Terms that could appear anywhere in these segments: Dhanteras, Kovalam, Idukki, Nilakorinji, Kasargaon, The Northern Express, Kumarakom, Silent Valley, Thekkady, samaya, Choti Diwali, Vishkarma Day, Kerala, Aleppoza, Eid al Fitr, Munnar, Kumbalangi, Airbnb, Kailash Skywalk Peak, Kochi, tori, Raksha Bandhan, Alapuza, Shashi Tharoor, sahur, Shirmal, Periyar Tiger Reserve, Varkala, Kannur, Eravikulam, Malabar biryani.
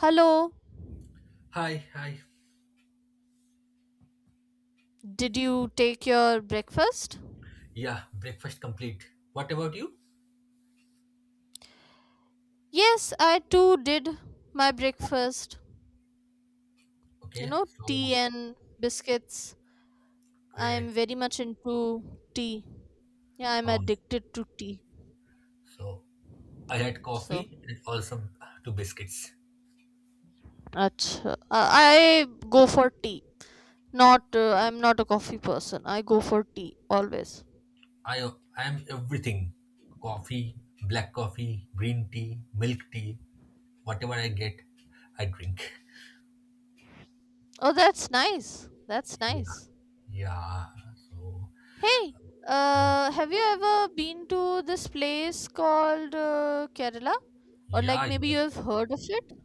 Hello, Hi, hi. did you take your breakfast? Yeah, breakfast complete. What about you? Yes, I too did my breakfast. Okay, You know, so tea and biscuits. I great. am very much into tea. Yeah, I'm Um, addicted to tea. so I had So, coffee and also two biscuits. achha, I go for tea. Not, I'm not a coffee person. I go for tea always. I I am everything. Coffee, black coffee, green tea, milk tea, whatever I get, I drink. Oh, that's nice. That's Yeah, nice. yeah. So Hey, um, have you ever been to this place called Kerala? Or yeah, like maybe you yeah. have heard of it?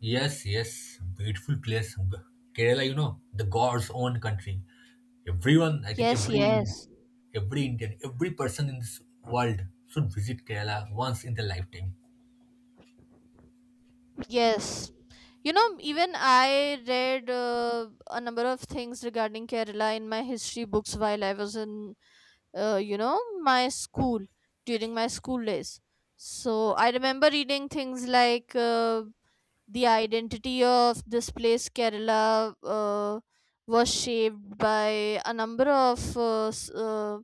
Yes, yes, beautiful place. G- Kerala, you know, the God's own country. Everyone, I think Yes, every Indian, yes, every Indian, every person in this world should visit Kerala once in their lifetime. yes. Even I read a number of things regarding Kerala in my history books while I was in my school during my school days. So I remember reading things like the identity of this place Kerala was shaped by a number of uh, s- uh,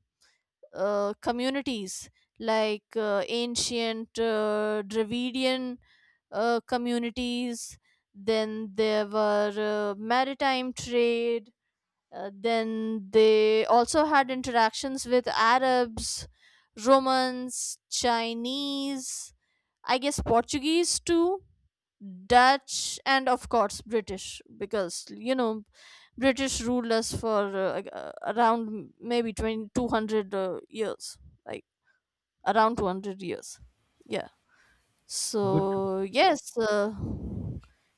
uh, communities like ancient Dravidian communities. Then there were maritime trade. Then they also had interactions with Arabs, Romans, Chinese, I guess Portuguese too, Dutch, and of course British, because British ruled us for like, around maybe 2,200 years, like around 200 years. Yeah. Good. So, yes,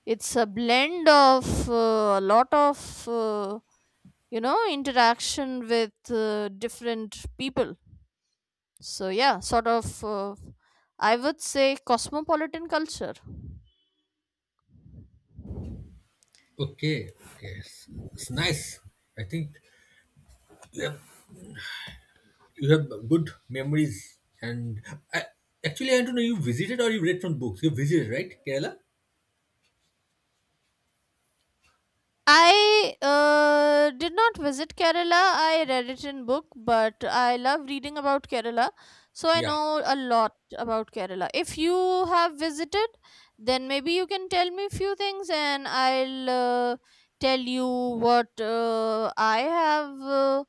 it's a blend of a lot of interaction with different people, so yeah, sort of, I would say, cosmopolitan culture. Okay. Yes. It's nice. I think you have good memories. And I, actually, I don't know, you visited or you read from books. You visited, right? Kerala? I did not visit Kerala. I read it in book, but I love reading about Kerala, so I Yeah. know a lot about Kerala. If you have visited, then maybe you can tell me few things, and I'll tell you what I have uh,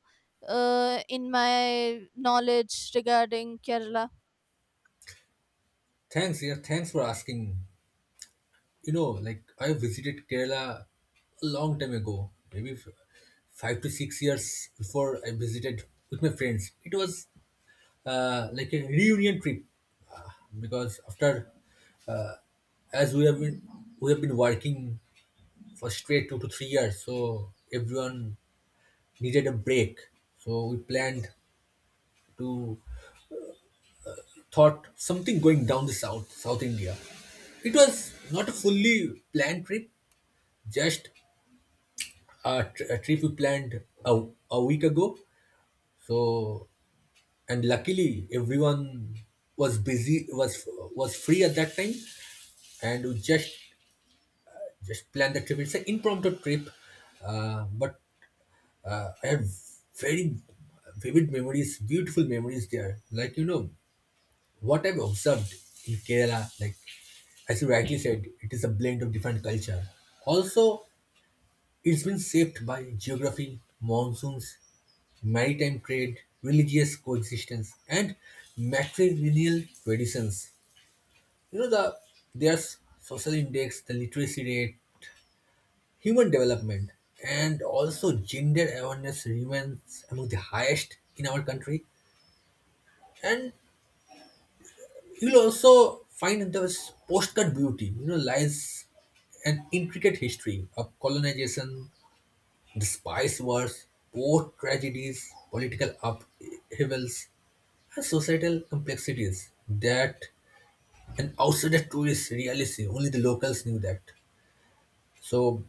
uh, in my knowledge regarding Kerala. Thanks. Yeah. Thanks for asking. You know, like I visited Kerala a long time ago, maybe f- 5 to 6 years before I visited with my friends. It was like a reunion trip because after, as we have been working for straight 2 to 3 years, so everyone needed a break. So we planned to thought something going down the south, South India. It was not a fully planned trip, just a trip we planned a week ago. So, and luckily everyone was busy, was free at that time, and we just planned the trip. It's an impromptu trip, but I have very vivid memories, beautiful memories there. Like you know what I've observed in Kerala, like as you rightly said, it is a blend of different culture. Also, it's been shaped by geography, monsoons, maritime trade, religious coexistence, and matrilineal traditions. You know the there's social index, the literacy rate, human development, and also gender awareness remains among the highest in our country. And you'll also find there's postcard beauty, you know, lies an intricate history of colonization, the spice wars, port tragedies, political upheavals, and societal complexities that an outsider tourist really see. Only the locals knew that. So,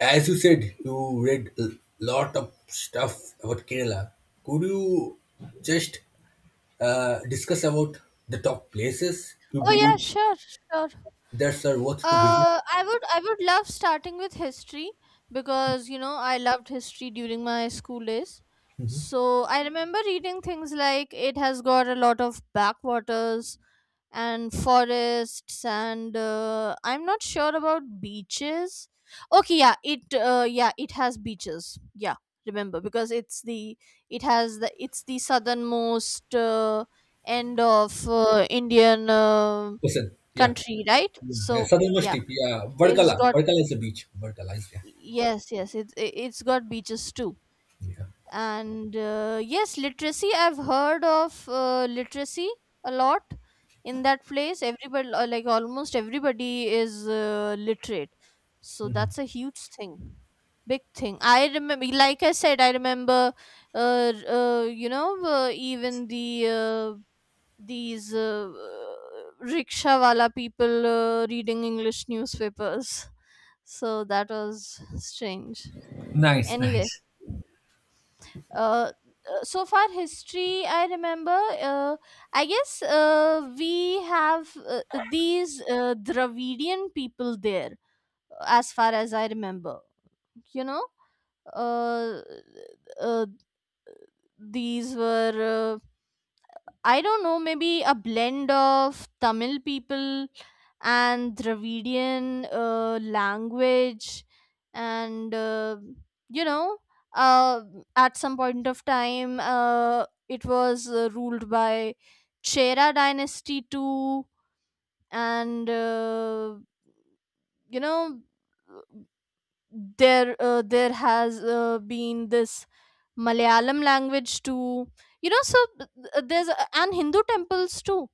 as you said, you read a lot of stuff about Kerala. Could you just discuss about the top places you Oh yeah, believe sure, sure. that are worth to visit? I would love starting with history because I loved history during my school days. So I remember reading things like it has got a lot of backwaters and forests and I'm not sure about beaches. Okay, yeah, it has beaches. Yeah, remember because it's the it has the it's the southernmost end of Indian Listen, yeah. country, right? Yeah, So southernmost yeah, tip, yeah. it's Varkala. got Varkala is a beach. Varkala is, yeah. yes, yes. It's it's got beaches too. Yeah. And yes, literacy. I've heard of literacy a lot in that place. Everybody, like almost everybody, is literate. So Mhm. that's a huge thing, big thing. I remember, like I said, I remember. Even the these rickshaw wala people reading English newspapers. So that was strange. Nice, Anyway, nice. uh, so far history I remember. I guess we have these Dravidian people there, as far as I remember. You know, uh, uh, these were I don't know, maybe a blend of Tamil people and Dravidian language, and you know, uh, at some point of time, it was ruled by Chera dynasty too, and you know there has been this Malayalam language too. So there's and Hindu temples too.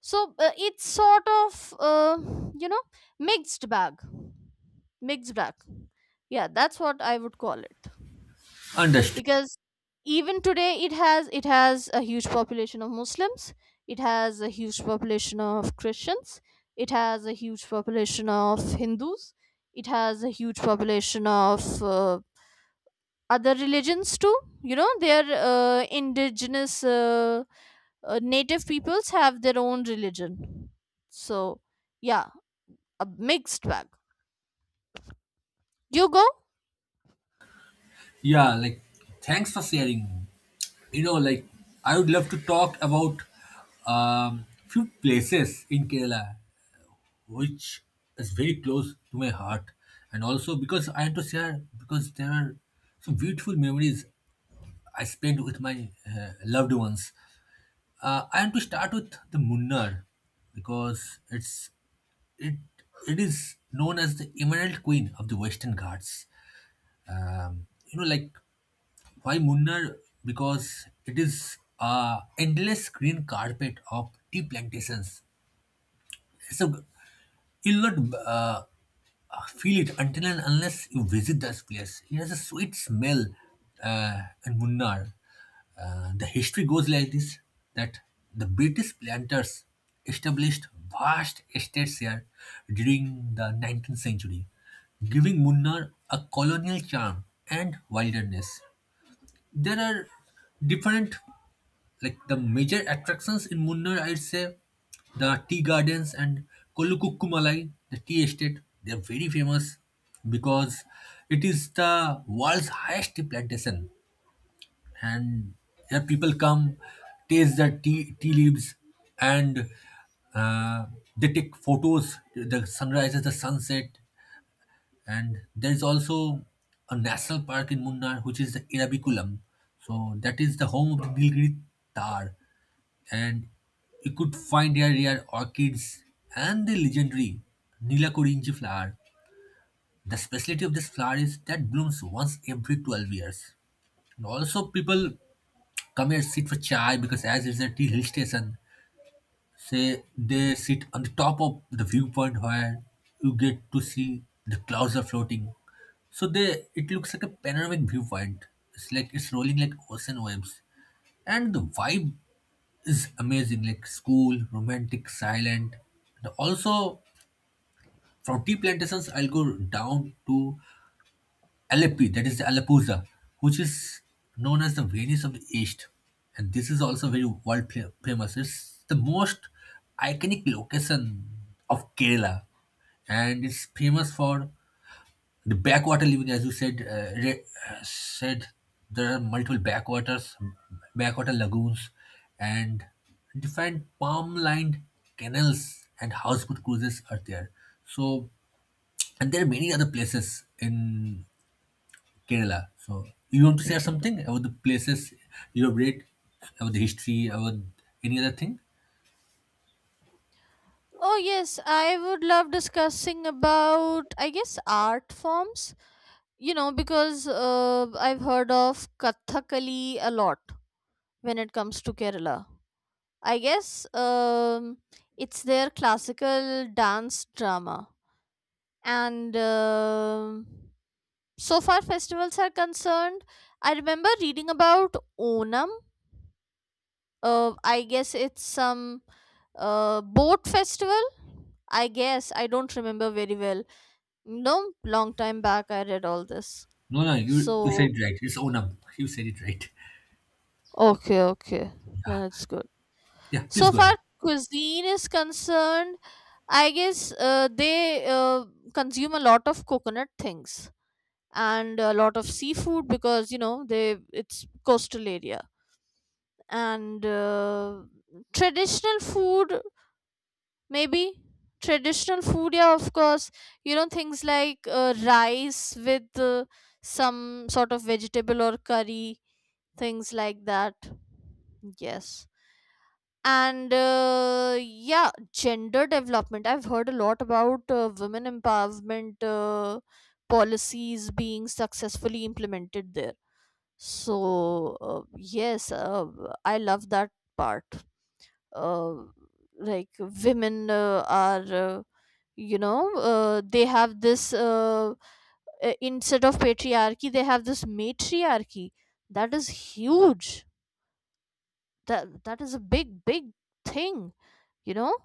So it's sort of you know mixed bag, mixed bag. Yeah, that's what I would call it, Understood. because even today it has a huge population of Muslims, it has a huge population of Christians, it has a huge population of Hindus, it has a huge population of uh, other religions too. You know, their indigenous, native peoples have their own religion. So yeah, a mixed bag, you go. Yeah, like thanks for sharing. You know, like I would love to talk about few places in Kerala which is very close to my heart. And also because I had to share because there are some beautiful memories I spent with my loved ones. I want to start with the Munnar because it it is known as the Emerald Queen of the Western Ghats. You know, like why Munnar? Because it is a endless green carpet of tea plantations. So you'll not feel it until and unless you visit this place. It has a sweet smell in Munnar. The history goes like this that the British planters established vast estates here during the 19th century, giving Munnar a colonial charm and wilderness. There are different, like the major attractions in Munnar, I'd say the tea gardens and Kolukukkumalai, the tea estate. They're very famous because it is the world's highest tea plantation, and here people come, taste the tea leaves, and uh, they take photos, the sunrises, the sunset, and there is also a national park in Munnar, which is the Eravikulam. So that is the home of the Nilgiri Tar. And you could find here rare orchids and the legendary Nilakorinji flower. The specialty of this flower is that blooms once every 12 years. And also people come here sit for chai because as it's a tea hill station, say they sit on the top of the viewpoint where you get to see the clouds are floating, so they it looks like a panoramic viewpoint. It's like it's rolling like ocean waves, and the vibe is amazing, like school romantic silent. And also from tea plantations I'll go down to Aleppi, that is the Aleppoza, which is known as the Venice of the East. And this is also very world famous. It's the most iconic location of Kerala. And it's famous for the backwater living, as you said. Said there are multiple backwaters, backwater lagoons, and different palm-lined canals and houseboat cruises are there. So, and there are many other places in Kerala. So you want to share something about the places you have read, about the history, about any other thing? Oh yes, I would love discussing about, I guess, art forms, you know, because I've heard of Kathakali a lot when it comes to Kerala. I guess it's their classical dance drama. And so far festivals are concerned, I remember reading about Onam. I guess it's some boat festival, I guess. I don't remember very well. No, long time back I read all this. No, no, you So, said it right. It's Onam. You said it right. okay, okay, then it's good. Yeah, So please go far, ahead. cuisine is concerned, I guess they consume a lot of coconut things and a lot of seafood because they it's coastal area, and traditional food, maybe. Traditional food, yeah, of course. Things like rice with some sort of vegetable or curry, things like that. Yes. And yeah, gender development, I've heard a lot about women empowerment policies being successfully implemented there. So yes, I love that part. uh, like, women are, they have this, instead of patriarchy they have this matriarchy. That is huge. That is a big, big thing, you know.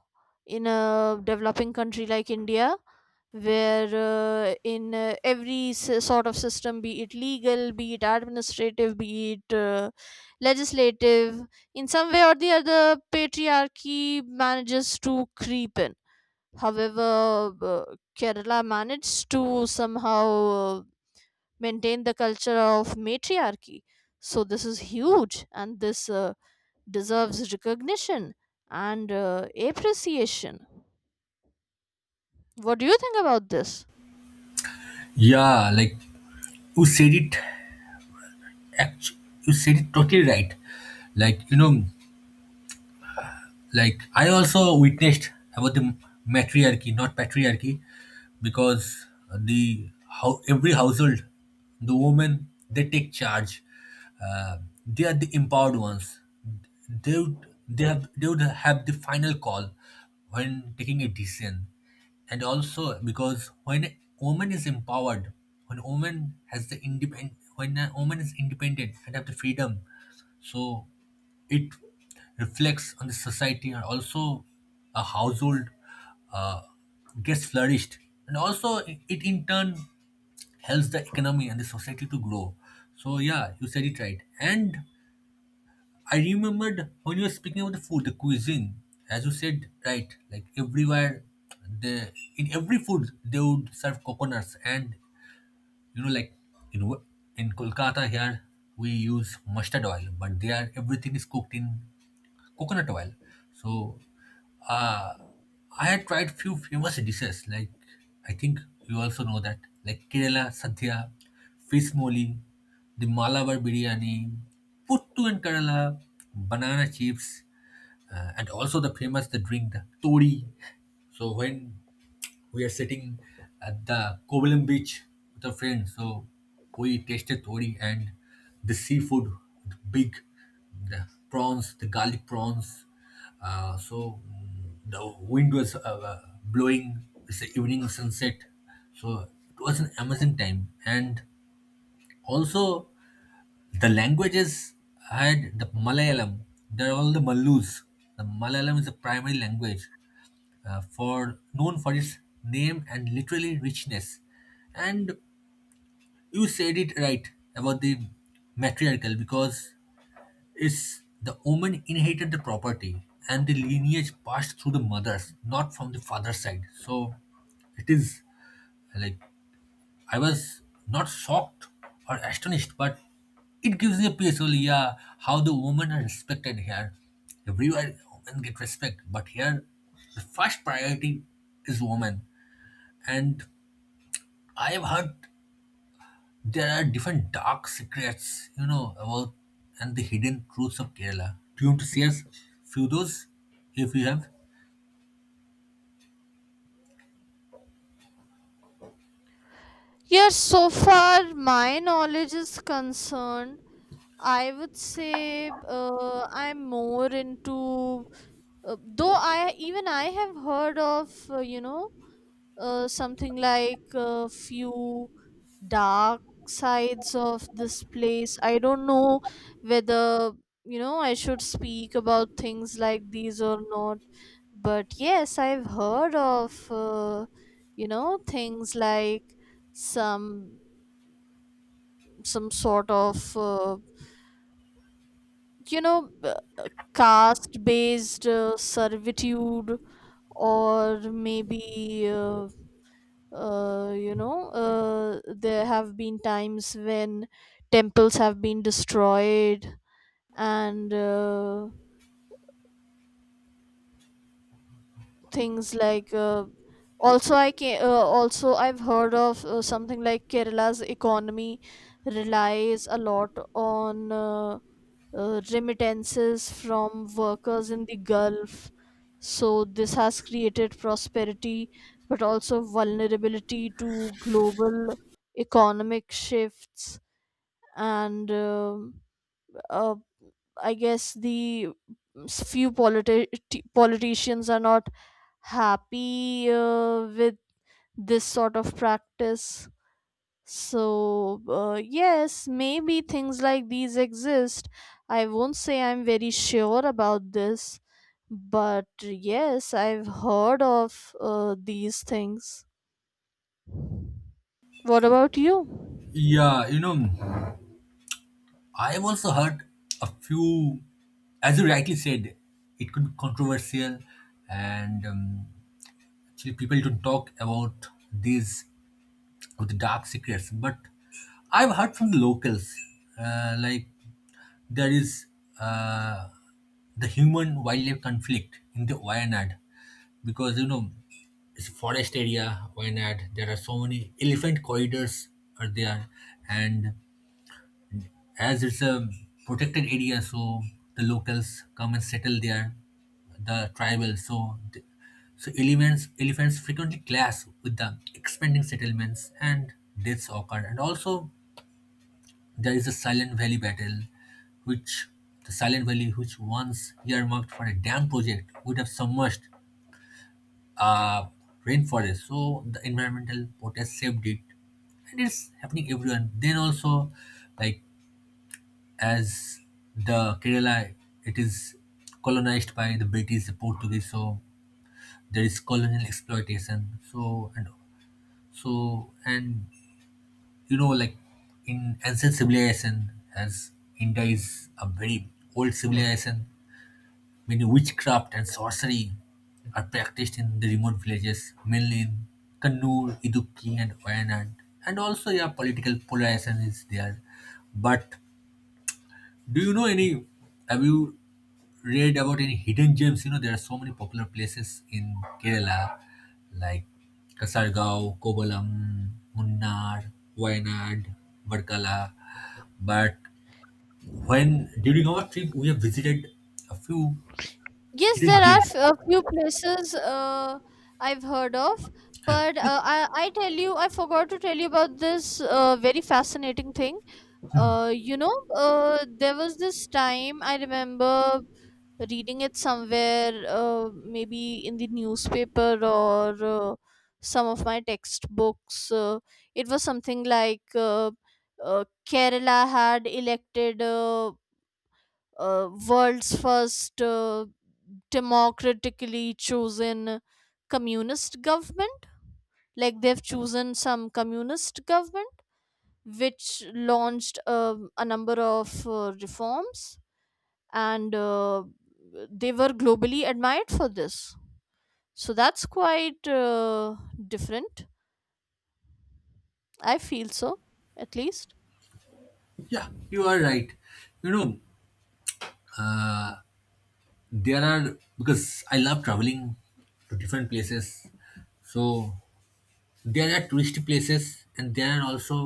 In a developing country like India, where in every sort of system, be it legal, be it administrative, be it legislative, in some way or the other, patriarchy manages to creep in. However, uh, Kerala managed to somehow uh, maintain the culture of matriarchy. So this is huge, and this deserves recognition and appreciation. What do you think about this? Yeah, like you said it. Actually, you said it totally right. Like you know, like I also witnessed about the matriarchy, not patriarchy, because the how every household, the women they take charge. Uh, they are the empowered ones. They would have the final call when taking a decision, and also because when a woman is empowered, when a woman is independent and have the freedom, so it reflects on the society and also a household uh, gets flourished, and also it in turn helps the economy and the society to grow. So yeah, you said it right. And I remembered when you were speaking about the food, the cuisine, as you said right, like everywhere the in every food they would serve coconuts, and you know like in Wo- in Kolkata here we use mustard oil, but there everything is cooked in coconut oil. So uh, I had tried few famous dishes like I think you also know that, like Kerala Sadhya, fish moli, the Malabar biryani, puttu in Kerala, banana chips, and also the famous the drink the tori. So when we are sitting at the Kovalam beach with a friend. So we tasted tori and the seafood, the big, the prawns, the garlic prawns. The wind was blowing. It's the evening sunset. So it was an amazing time. And also the languages had the Malayalam. They're all the Malus. The Malayalam is the primary language for known for its name and literally richness. And you said it right about the matriarchal because it's the woman inherited the property and the lineage passed through the mothers, not from the father's side. So it is like I was not shocked or astonished, but it gives me a peace. Well, yeah, how the women are respected here. Everywhere women get respect, but here the first priority is woman. And I've heard there are different dark secrets, you know, about and the hidden truths of Kerala. Do you want to share us few those if you have? Yes, so far my knowledge is concerned, I would say I'm more into, though I have heard of, something like a few dark sides of this place. I don't know whether, I should speak about things like these or not. But yes, I've heard of, things like some some sort of, you know, uh, caste based servitude, or maybe there have been times when temples have been destroyed and things like, also I can also I've heard of something like Kerala's economy relies a lot on remittances from workers in the Gulf. So this has created prosperity but also vulnerability to global economic shifts. And um uh, I guess the few politicians are not happy with this sort of practice. So, yes, maybe things like these exist. I won't say I'm very sure about this, but yes, I've heard of these things. What about you? Yeah, you know, I've also heard a few, as you rightly said, it could be controversial, and actually people don't talk about these of the dark secrets. But I've heard from the locals, like there is uh, the human wildlife conflict in the Wayanad because you know it's forest area Wayanad. There are so many elephant corridors are there, and as it's a protected area, so the locals come and settle there, the tribal. So elements elephants frequently clash with the expanding settlements and deaths occur. And also there is a Silent Valley battle, which the Silent Valley, which once earmarked for a dam project, would have submerged uh, rainforest. So the environmental protest saved it, and it's happening everywhere. Then also, like as the Kerala, it is colonized by the British, the Portuguese. So there is colonial exploitation. So and so and you know, like in ancient civilization, as India is a very old civilization, many witchcraft and sorcery are practiced in the remote villages, mainly in Kannur, Idukki, and Wayanad. And also, yeah, political polarization is there. But do you know any? Have you read about any hidden gems? You know, there are so many popular places in Kerala, like Kasargaon, Kovalam, Munnar, Wayanad, Varkala. But when during our trip, we have visited a few Yes, hidden there are gems. A few places I've heard of, Huh. but I tell you, I forgot to tell you about this very fascinating thing. There was this time I remember reading it somewhere, maybe in the newspaper or some of my textbooks. It was something like Kerala had elected, world's first democratically chosen communist government. Like, they've chosen some communist government which launched a number of reforms, and they were globally admired for this. So that's quite different, I feel so, at least. Yeah, you are right. You know, there are because I love traveling to different places, so there are touristy places and there are also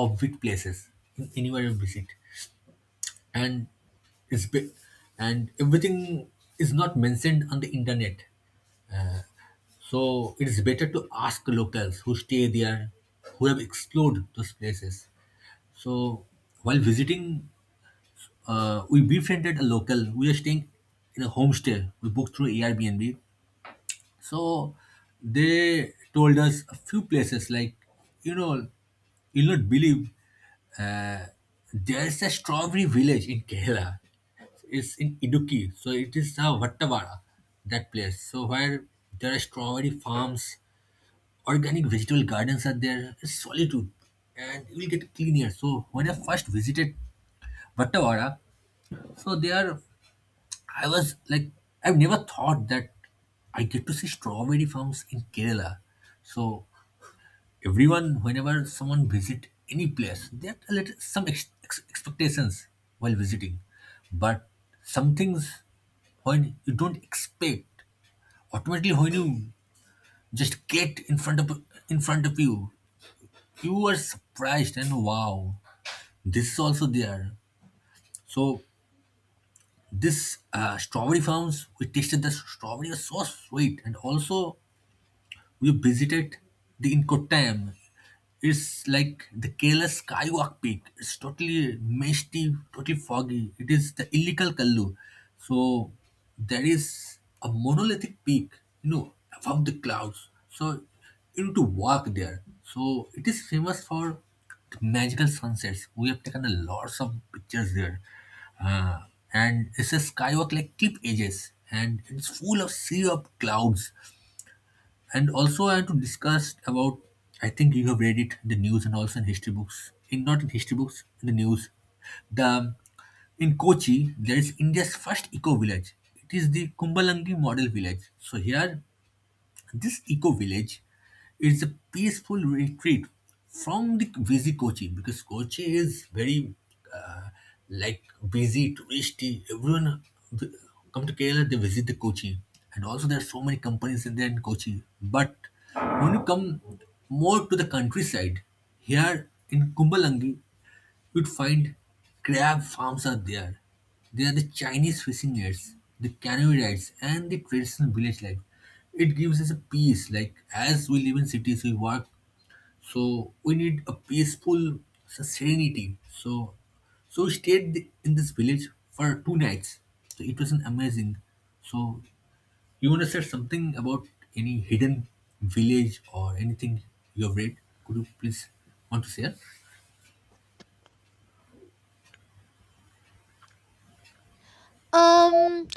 offbeat places in anywhere you visit, and it's be- and everything is not mentioned on the internet. So it is better to ask locals who stay there, who have explored those places. So while visiting, we befriended a local. We were staying in a homestay. We booked through Airbnb. So they told us a few places like, you know, you'll not believe there's a strawberry village in Kerala. It's in Idukki, so it is Vattavara, that place. So where there are strawberry farms, organic vegetable gardens are there. It's solitude, and you will get clean air. So when I first visited Vattavara, so there I was like, I've never thought that I get to see strawberry farms in Kerala. So everyone, whenever someone visit any place, there are little, some expectations while visiting, but some things, when you don't expect, automatically when you just get in front of you are surprised and wow, this is also there. So this strawberry farms, we tasted the strawberry was so sweet. And also we visited the incoterm. It's like the Kailash Skywalk Peak. It's totally misty, totally foggy. It is the illegal Kallu. So there is a monolithic peak, above the clouds. So you need to walk there. So it is famous for the magical sunsets. We have taken a lots of pictures there. Uh, and it's a skywalk like cliff edges and it's full of sea of clouds. And also I have to discuss about, I think you have read it in the news and also in history books, in, not in history books, in the news, the, in Kochi there is India's first eco village. It is the Kumbalangi model village. So here this eco village is a peaceful retreat from the busy Kochi, because Kochi is very uh, like busy, touristy. Everyone v- come to Kerala, they visit the Kochi, and also there are so many companies in there in Kochi. But when you come more to the countryside, here in Kumbalangi, you'd find crab farms are there. There are the Chinese fishing nets, the canoe rides, and the traditional village life. It gives us a peace. Like as we live in cities, we work, so we need a peaceful serenity. So, we stayed in this village for two nights. So it was an amazing. So you want to say something about any hidden village or anything you have read? Could you please want to share? um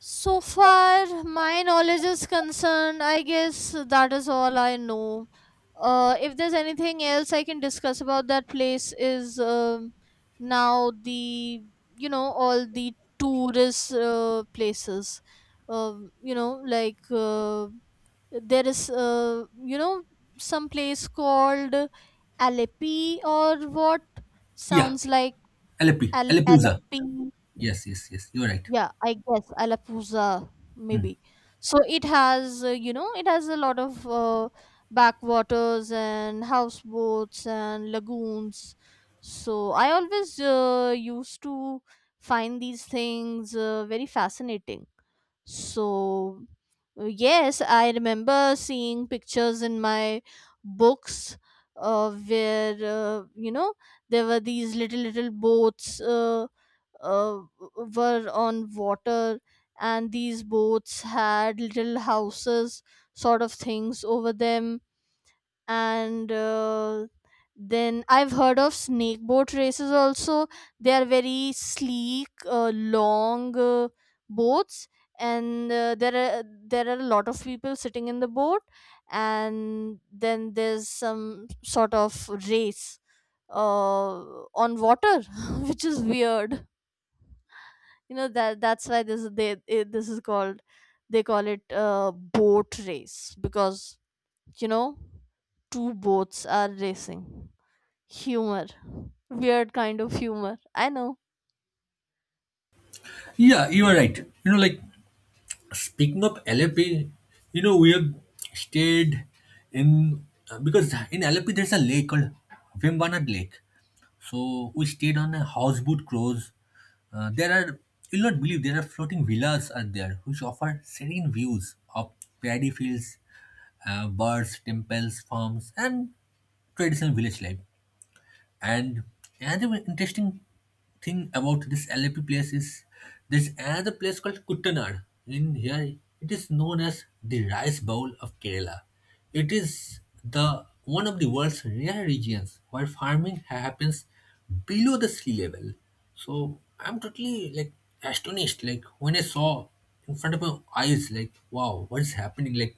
So far, my knowledge is concerned, I guess that is all I know. If there's anything else I can discuss about that place, is, now, the you know all the tourist places. Like, there is, some place called Alepi, or what Yeah, sounds like Alepi, Alepuza. Alepi. Yes, yes, yes. You're right. Yeah, I guess Alapuza, maybe. So it has a lot of backwaters and houseboats and lagoons. So I always used to find these things very fascinating. So, yes, I remember seeing pictures in my books where, there were these little, little boats uh, were on water, and these boats had little houses, sort of things over them. And then I've heard of snake boat races also. They are very sleek, long, boats, and there are a lot of people sitting in the boat, and then there's some sort of race uh, on water which is weird. You know, that's why this is called they call it boat race, because, you know, two boats are racing. Humor. Weird kind of humor. I know. Yeah, you are right. Like speaking of Alepi, we have stayed in because in Alepi there's a lake called Vimbanad Lake. So we stayed on a houseboat cruise. There are, you'll not believe, there are floating villas are there which offer serene views of paddy fields, birds, temples, farms, and traditional village life. And another interesting thing about this LAP place is there's another place called Kuttanad. In here, it is known as the rice bowl of Kerala. It is the one of the world's rare regions where farming happens below the sea level. So I'm totally like astonished. Like when I saw in front of my eyes, like wow, what is happening? Like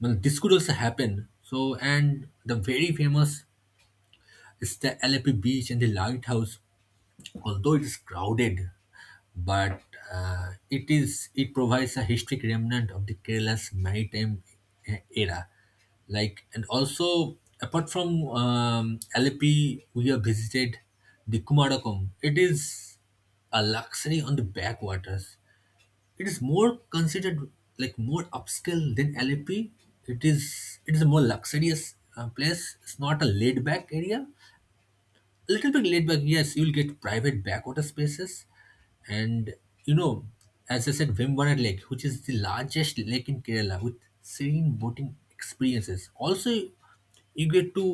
well, this could also happen. So and the very famous, it's the Alleppey Beach and the lighthouse. Although it is crowded, but it is, it provides a historic remnant of the Kerala's maritime era. Like and also apart from Alleppey, we have visited the Kumarakom. It is a luxury on the backwaters. It is more considered like more upscale than Alleppey. It is a more luxurious place. It's not a laid back area, a little bit laid back, yes. You'll get private backwater spaces, and you know as I said, Vembanad Lake, which is the largest lake in Kerala with serene boating experiences. Also you get to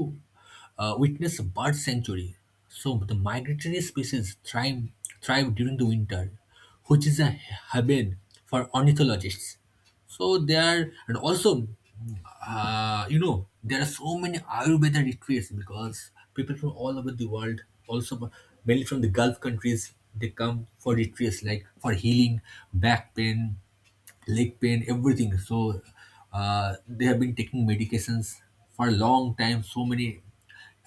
witness a bird sanctuary. So the migratory species thrive during the winter, which is a haven for ornithologists. So there, and also, there are so many Ayurveda retreats because people from all over the world, also mainly from the Gulf countries, they come for retreats like for healing back pain, leg pain, everything. So they have been taking medications for a long time, so many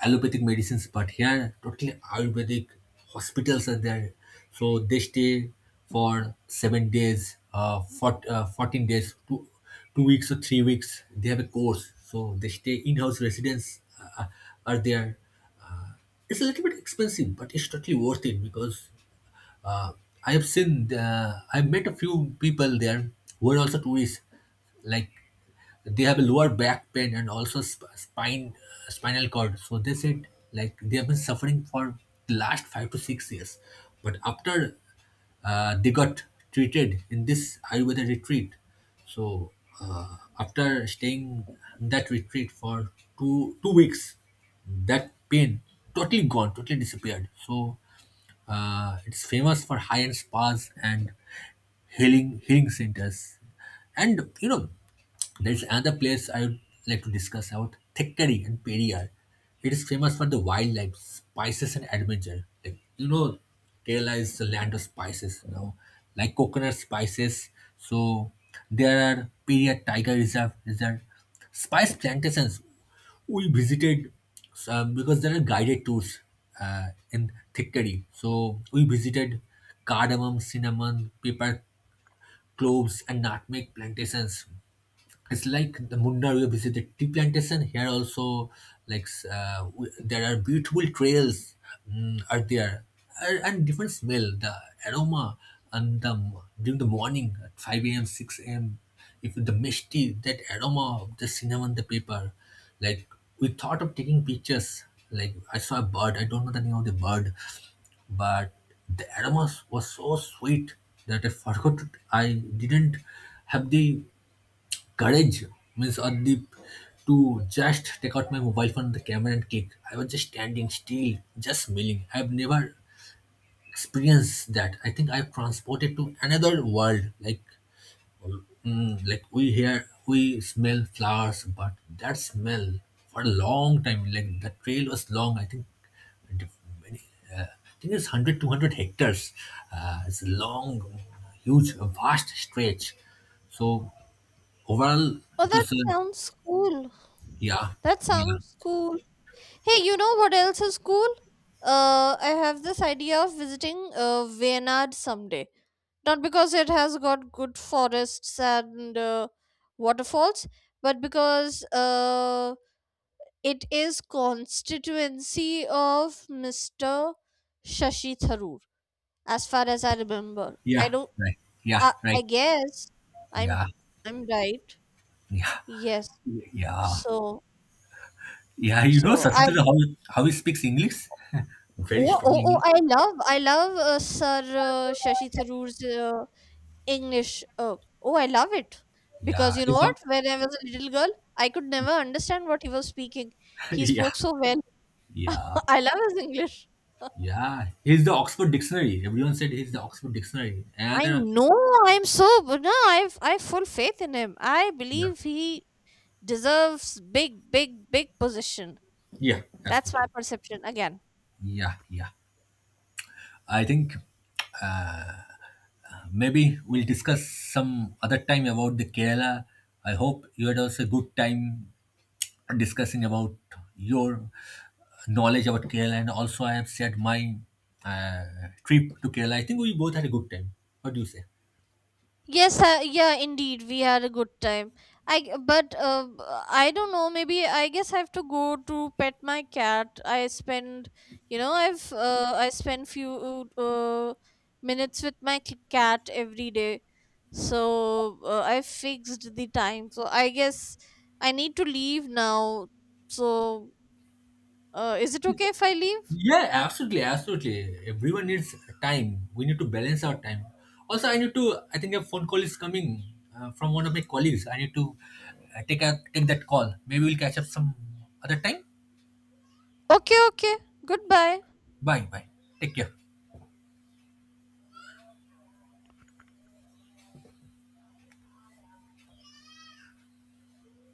allopathic medicines, but here totally Ayurvedic hospitals are there. So they stay for 7 days, for, 14 days, 2 weeks or 3 weeks. They have a course. So they stay in-house residents uh, are there. It's a little bit expensive, but it's totally worth it because uh, I have seen, I've met a few people there who are also tourists. Like they have a lower back pain and also spine, spinal cord. So they said like they have been suffering for the last 5 to 6 years. But after they got treated in this Ayurveda retreat, so after staying in that retreat for two weeks, that pain totally gone, totally disappeared. So it's famous for high-end spas and healing centers. And there's another place I would like to discuss about, Thekkady and Periyar. It is famous for the wildlife, spices, and adventure. Like Kerala is the land of spices. Like coconut spices. So there are Periyar Tiger Reserve, spice plantations we visited some because there are guided tours in Thickery. So we visited cardamom, cinnamon, pepper, cloves, and nutmeg plantations. It's like the Munda, we visited tea plantation. Here also, like there are beautiful trails, are there, and different smell, the aroma and the during the morning at five a.m., six a.m. If the misty, that aroma of the cinnamon, the paper, like we thought of taking pictures. Like I saw a bird. I don't know the name of the bird, but the aroma was so sweet that I forgot. I didn't have the courage, means Adip, to just take out my mobile phone, the camera, and click. I was just standing still, just smiling. I've never experienced that. I think I've transported to another world. Like, like we hear, we smell flowers, but that smell for a long time, like the trail was long. I think, and many, I think it's one hundred, 200 hectares. It's a long, huge, vast stretch. So overall, Oh, it that was a. sounds cool. Yeah, That yeah, sounds cool. Hey, you know what else is cool? I have this idea of visiting Wayanad someday. Not because it has got good forests and waterfalls, but because it is constituency of Mr. Shashi Tharoor, as far as I remember. I yeah, don't. right, yeah, I right, guess I'm yeah, I'm right. yeah, Yes. yeah, So yeah. You know, so I Sachinendra, how he speaks English? Very oh strong oh, oh English. I love Sir Shashi Tharoor's English. Oh, I love it. Yeah, Because you he's know the, what? When I was a little girl, I could never understand what he was speaking. He yeah, spoke so well. yeah, I love his English. yeah. He's the Oxford Dictionary. Everyone said he's the Oxford Dictionary. And I know, I'm so, but no, I have full faith in him. I yeah, believe he deserves big, big, big position. yeah, That's my absolutely. perception again. Yeah, yeah. I think maybe we'll discuss some other time about the Kerala. I hope you had also a good time discussing about your knowledge about Kerala, and also I have shared my uh, trip to Kerala. I think we both had a good time. What do you say? Yes, yeah, indeed, we had a good time. I g- but b- I don't know. Maybe I guess I have to go to pet my cat. I spend, you know, I've I spend few minutes with my cat every day, so I fixed the time. So I guess I need to leave now. So, is it okay if I leave? Yeah, absolutely, absolutely. Everyone needs time. We need to balance our time. Also, I need to. I think a phone call is coming from one of my colleagues. I need to take take that call. Maybe we'll catch up some other time. Okay, okay. Goodbye. Bye, bye. Take care.